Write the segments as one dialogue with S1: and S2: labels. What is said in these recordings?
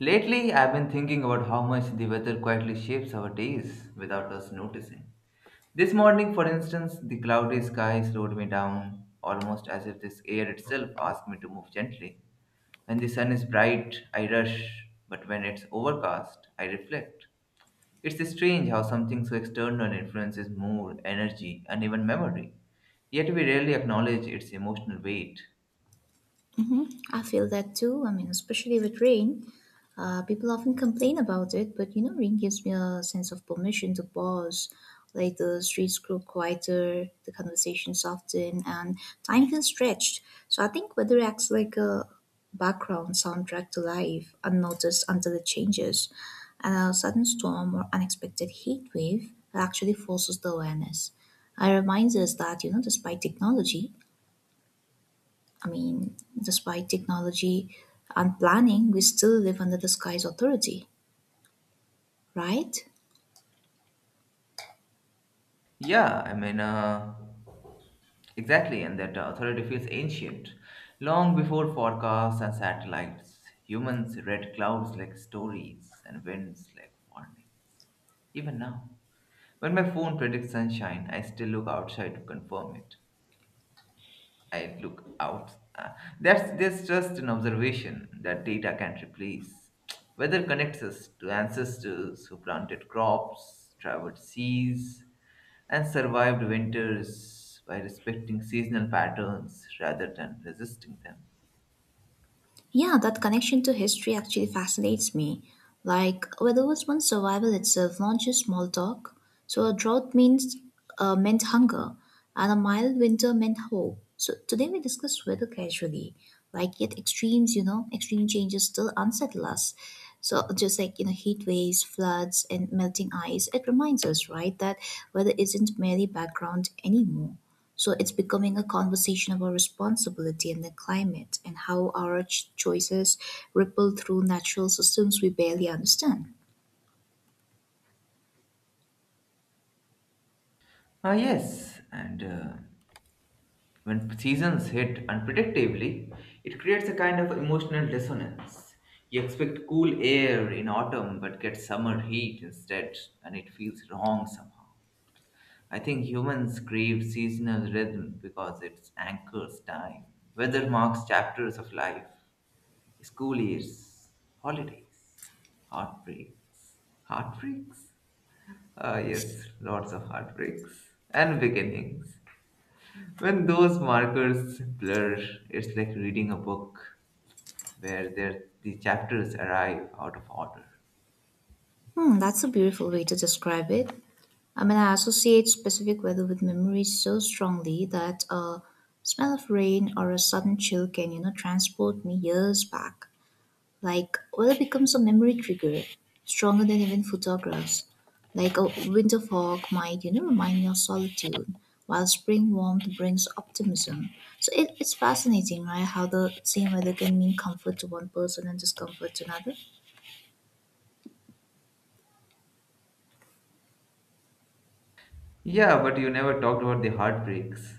S1: Lately, I've been thinking about how much the weather quietly shapes our days without us noticing. This morning, for instance, the cloudy sky slowed me down, almost as if this air itself asked me to move gently. When the sun is bright, I rush, but when it's overcast, I reflect. It's strange how something so external influences mood, energy, and even memory, yet we rarely acknowledge its emotional weight.
S2: I feel that too. I mean, especially with rain, people often complain about it, but you know, rain gives me a sense of permission to pause. Like the streets grow quieter, the conversation soften, and time feels stretched. So I think weather acts like a background soundtrack to life, unnoticed until it changes. And a sudden storm or unexpected heat wave actually forces the awareness. It reminds us that, you know, despite technology, I mean, despite technology and planning, we still live under the sky's authority, right?
S1: Yeah, exactly, and that authority feels ancient. Long before forecasts and satellites, humans read clouds like stories and winds like warning. Even now, when my phone predicts sunshine, I still look outside to confirm it. I look out. That's just an observation that data can't replace. Weather connects us to ancestors who planted crops, traveled seas, and survived winters by respecting seasonal patterns rather than resisting them.
S2: Yeah, that connection to history actually fascinates me. Like, whether it was once survival itself, not just small talk. So, a drought means meant hunger, and a mild winter meant hope. So, today we discuss weather casually. Like, yet extremes, you know, extreme changes still unsettle us. So, just like, you know, heat waves, floods, and melting ice, it reminds us, right, that weather isn't merely background anymore. So it's becoming a conversation about responsibility and the climate and how our choices ripple through natural systems we barely understand.
S1: Ah, yes, and. When seasons hit unpredictably, it creates a kind of emotional dissonance. You expect cool air in autumn but get summer heat instead, and it feels wrong somehow. I think humans crave seasonal rhythm because it anchors time. Weather marks chapters of life, school years, holidays, heartbreaks. Heartbreaks? Ah, yes, lots of heartbreaks and beginnings. When those markers blur, it's like reading a book where the chapters arrive out of order.
S2: Hmm, that's a beautiful way to describe it. I mean, I associate specific weather with memories so strongly that a smell of rain or a sudden chill can, you know, transport me years back. Like oil becomes a memory trigger, stronger than even photographs. Like a winter fog might, you know, remind me of solitude, while spring warmth brings optimism. So it's fascinating, right? How the same weather can mean comfort to one person and discomfort to another.
S1: Yeah, but you never talked about the heartbreaks.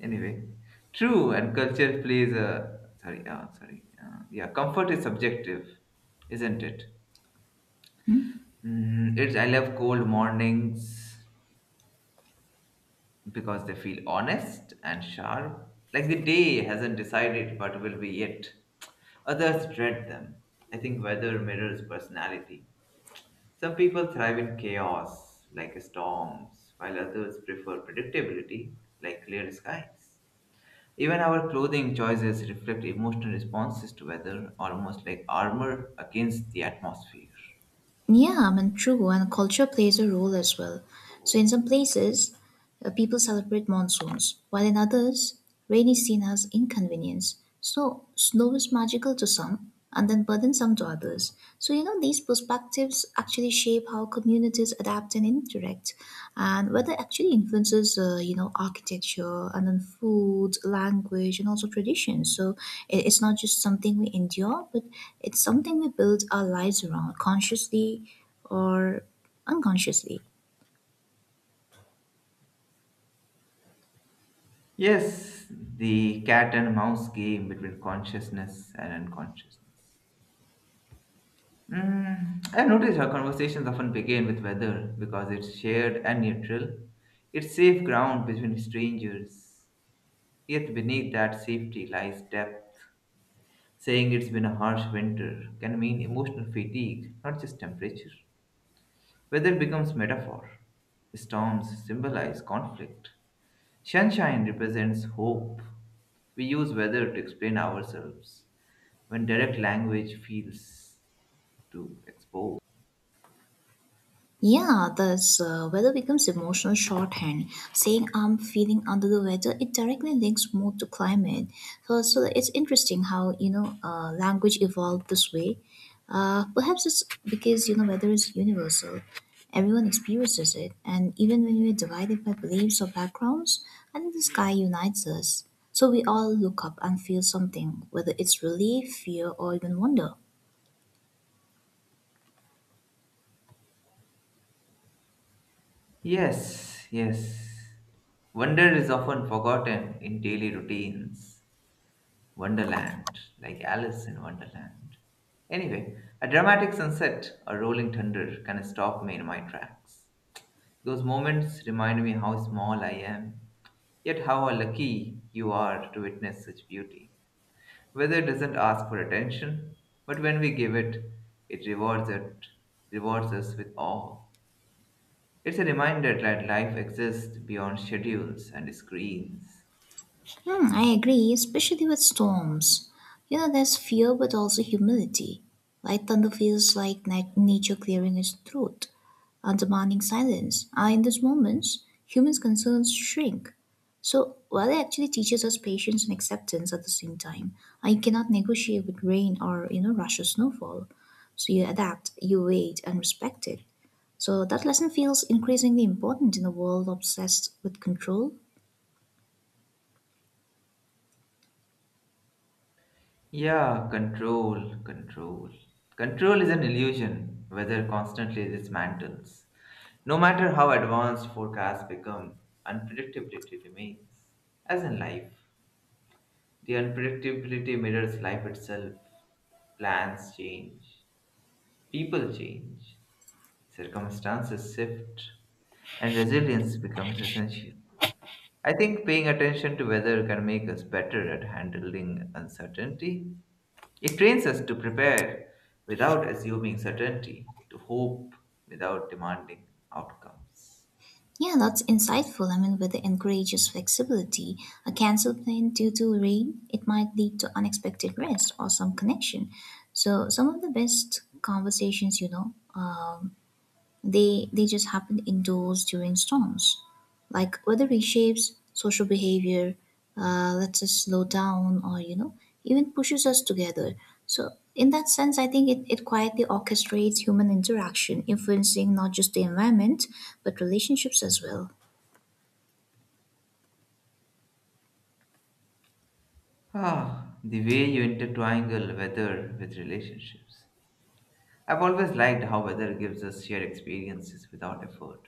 S1: Anyway, true, and culture plays a yeah, comfort is subjective, isn't it?
S2: Hmm?
S1: It's I love cold mornings because they feel honest and sharp, like the day hasn't decided what will be yet. Others dread them. I think weather mirrors personality. Some people thrive in chaos, like storms, while others prefer predictability, like clear skies. Even our clothing choices reflect emotional responses to weather, almost like armor against the atmosphere.
S2: Yeah, I mean, true, and culture plays a role as well. So in some places, people celebrate monsoons, while in others, rain is seen as inconvenience. So, snow is magical to some and then burdensome to others. So, you know, these perspectives actually shape how communities adapt and interact, and whether actually influences, you know, architecture and then food, language, and also traditions. So, it's not just something we endure, but it's something we build our lives around consciously or unconsciously.
S1: Yes, the cat and mouse game between consciousness and unconsciousness. I've noticed our conversations often begin with weather because it's shared and neutral. It's safe ground between strangers. Yet beneath that safety lies depth. Saying it's been a harsh winter can mean emotional fatigue, not just temperature. Weather becomes metaphor. Storms symbolize conflict. Sunshine represents hope. We use weather to explain ourselves when direct language feels to expose.
S2: Yeah, this weather becomes emotional shorthand. Saying I'm feeling under the weather, it directly links mood to climate. So it's interesting how you know language evolved this way. Perhaps it's because you know weather is universal. Everyone experiences it, and even when we're divided by beliefs or backgrounds, I think the sky unites us. So we all look up and feel something, whether it's relief, fear, or even wonder.
S1: Yes, yes. Wonder is often forgotten in daily routines. Wonderland, like Alice in Wonderland. Anyway, a dramatic sunset or rolling thunder can stop me in my tracks. Those moments remind me how small I am, yet how lucky you are to witness such beauty. Weather doesn't ask for attention, but when we give it, it, rewards us with awe. It's a reminder that life exists beyond schedules and screens.
S2: Hmm, I agree, especially with storms. You know, there's fear, but also humility. Light thunder feels like nature clearing its throat and demanding silence. And in these moments, humans' concerns shrink. So, weather actually teaches us patience and acceptance at the same time. I cannot negotiate with rain or, you know, rush or snowfall. So, you adapt, you wait, and respect it. So, that lesson feels increasingly important in a world obsessed with control.
S1: Yeah, control. Control is an illusion, weather constantly dismantles. No matter how advanced forecasts become, unpredictability remains. As in life, the unpredictability mirrors life itself. Plans change, people change, circumstances shift, and resilience becomes essential. I think paying attention to weather can make us better at handling uncertainty. It trains us to prepare without assuming certainty, to hope without demanding outcomes.
S2: Yeah, that's insightful. I mean, with the encourages flexibility, a cancelled plan due to rain, it might lead to unexpected rest or some connection. So some of the best conversations, you know, they just happen indoors during storms. Like weather reshapes social behavior, lets us slow down, or you know, even pushes us together. So in that sense, I think it quietly orchestrates human interaction, influencing not just the environment but relationships as well.
S1: Ah, the way you intertwingle weather with relationships. I've always liked how weather gives us shared experiences without effort.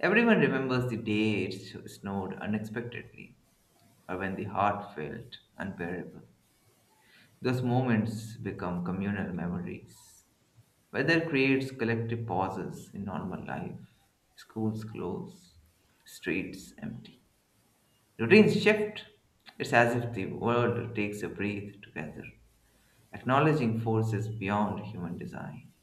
S1: Everyone remembers the day snowed unexpectedly or when the heart felt unbearable. Those moments become communal memories. Weather creates collective pauses in normal life. Schools close, streets empty. Routines shift. It's as if the world takes a breath together, acknowledging forces beyond human design.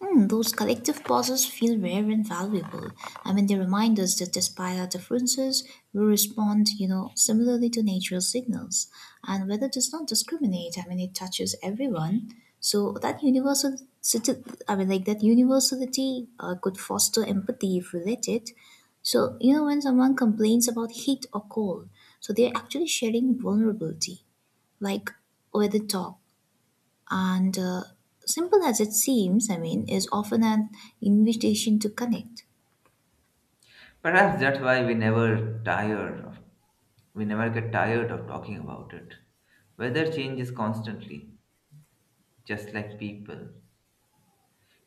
S2: Hmm, those collective pauses feel rare and valuable. I mean, they remind us that despite our differences, we respond, you know, similarly to natural signals. And weather does not discriminate. I mean, it touches everyone. So that universal, I mean, like that universality could foster empathy if related. So you know, when someone complains about heat or cold, so they're actually sharing vulnerability, like weather talk and simple as it seems, I mean, is often an invitation to connect.
S1: Perhaps that's why we never get tired of talking about it. Weather changes constantly, just like people.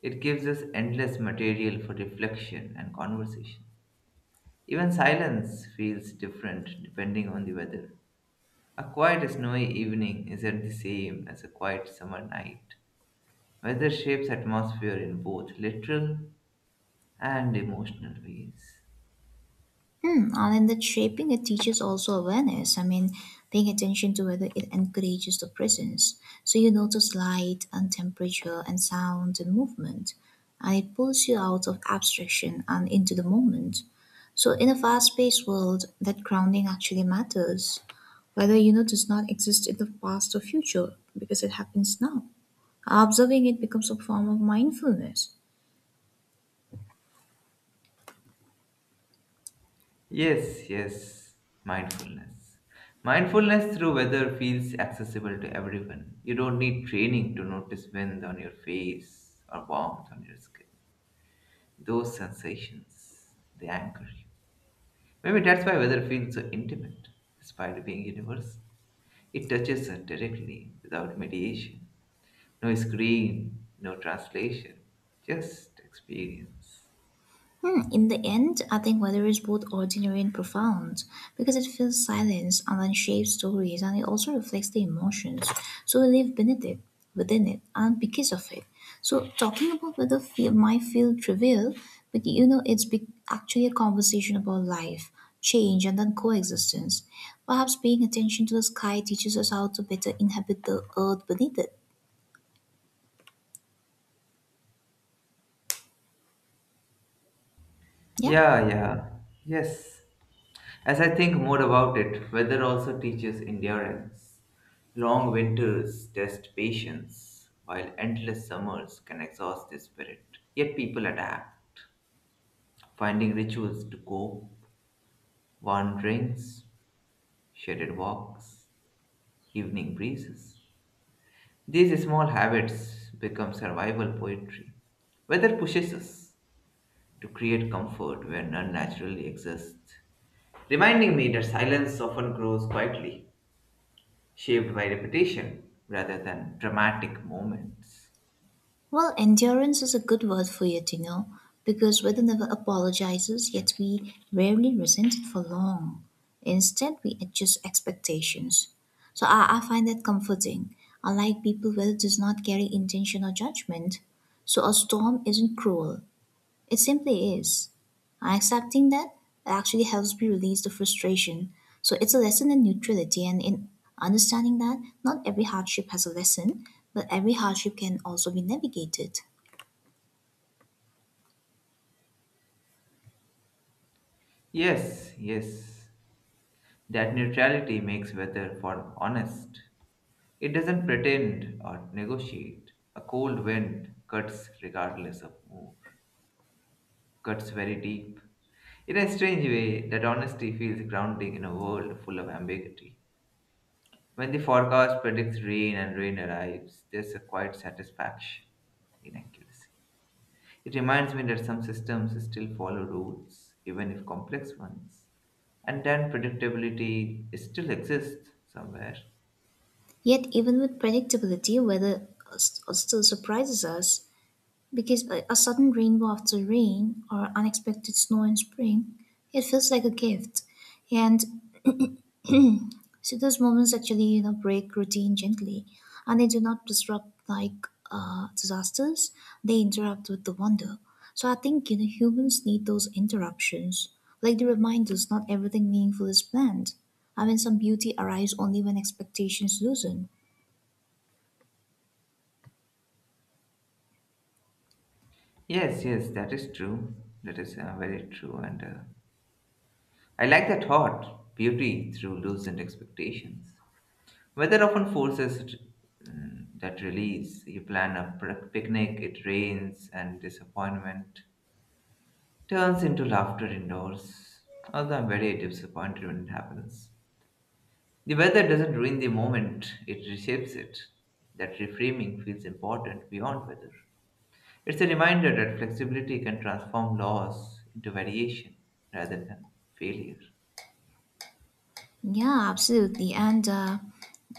S1: It gives us endless material for reflection and conversation. Even silence feels different depending on the weather. A quiet snowy evening isn't the same as a quiet summer night. Weather shapes atmosphere in both literal and emotional ways.
S2: Hmm. And in that shaping, it teaches also awareness. I mean, paying attention to whether it encourages the presence. So you notice light and temperature and sound and movement. And it pulls you out of abstraction and into the moment. So in a fast-paced world, that grounding actually matters. Whether you know does not exist in the past or future because it happens now. Observing it becomes a form of mindfulness.
S1: Yes, yes, mindfulness. Mindfulness through weather feels accessible to everyone. You don't need training to notice wind on your face or warmth on your skin. Those sensations, they anchor you. Maybe that's why weather feels so intimate, despite being universal. It touches us directly without mediation. No screen, no translation, just experience.
S2: Hmm, in the end, I think weather is both ordinary and profound because it fills silence and then shapes stories and it also reflects the emotions. So we live beneath it, within it, and because of it. So talking about weather feel, might feel trivial, but you know, actually a conversation about life, change, and then coexistence. Perhaps paying attention to the sky teaches us how to better inhabit the earth beneath it. Yeah.
S1: Yeah, yeah, yes. As I think more about it, weather also teaches endurance. Long winters test patience, while endless summers can exhaust the spirit. Yet people adapt, finding rituals to cope, warm drinks, shaded walks, evening breezes. These small habits become survival poetry. Weather pushes us to create comfort where none naturally exists, reminding me that silence often grows quietly, shaped by repetition rather than dramatic moments.
S2: Well, endurance is a good word for it, you know, because weather never apologizes, yet we rarely resent it for long. Instead, we adjust expectations. So I find that comforting. Unlike people, weather does not carry intention or judgment. So a storm isn't cruel, it simply is. And accepting that, it actually helps me release the frustration. So it's a lesson in neutrality and in understanding that not every hardship has a lesson, but every hardship can also be navigated.
S1: Yes, yes, that neutrality makes weather for honest. It doesn't pretend or negotiate. A cold wind cuts regardless of mood. Cuts very deep. In a strange way, that honesty feels grounding in a world full of ambiguity. When the forecast predicts rain and rain arrives, there's a quiet satisfaction in accuracy. It reminds me that some systems still follow rules, even if complex ones, and then predictability still exists somewhere.
S2: Yet, even with predictability, weather still surprises us because a sudden rainbow after rain or unexpected snow in spring, it feels like a gift. And so those moments actually, you know, break routine gently, and they do not disrupt like disasters. They interrupt with the wonder. So I think you know humans need those interruptions, like the reminders. Not everything meaningful is planned. I mean, some beauty arrives only when expectations loosen.
S1: Yes, yes, that is true. That is very true. And I like that thought, beauty through loosened expectations. Weather often forces that release. You plan a picnic, it rains, and disappointment turns into laughter indoors. Although I'm very disappointed when it happens. The weather doesn't ruin the moment, it reshapes it. That reframing feels important beyond weather. It's a reminder that flexibility can transform loss into variation rather than failure.
S2: Yeah, absolutely, and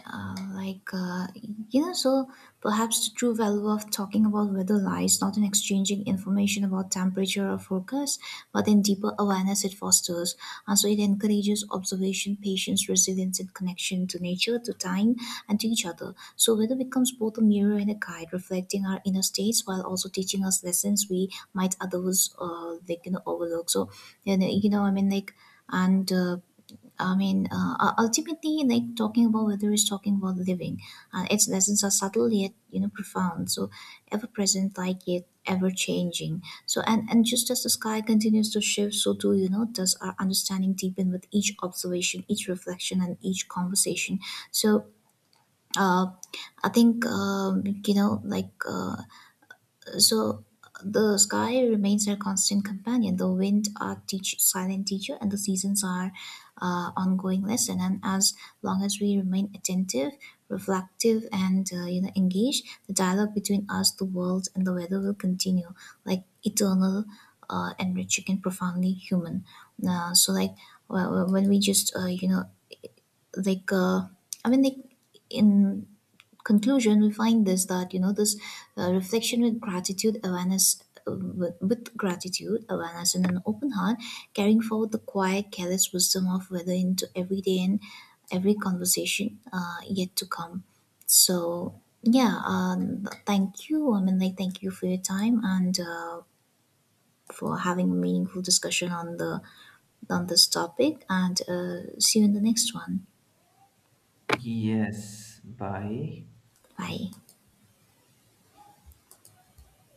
S2: uh, like uh, you know so perhaps the true value of talking about weather lies not in exchanging information about temperature or forecast but in deeper awareness it fosters, and so it encourages observation, patience, resilience, and connection to nature, to time, and to each other. So weather becomes both a mirror and a guide, reflecting our inner states while also teaching us lessons we might otherwise like you know overlook. So you know I mean like and I mean, u- Ultimately, like talking about whether it's talking about living. Its lessons are subtle yet you know profound, so ever present, like yet ever changing. So and just as the sky continues to shift, so too you know does our understanding deepen with each observation, each reflection, and each conversation. So. Uh, I think you know, like so the sky remains our constant companion. The wind, our teach, silent teacher, and the seasons are ongoing lesson. And as long as we remain attentive, reflective, and you know engaged, the dialogue between us, the world, and the weather will continue, like eternal, enriching, and profoundly human. Uh, so like when we just you know like uh, I mean like in conclusion we find this that you know this reflection with gratitude awareness with gratitude awareness and an open heart, carrying forward the quiet careless wisdom of weather into every day and every conversation yet to come. So yeah, thank you. I mean, like thank you for your time, and for having a meaningful discussion on the on this topic, and see you in the next one.
S1: Yes, bye.
S2: Bye.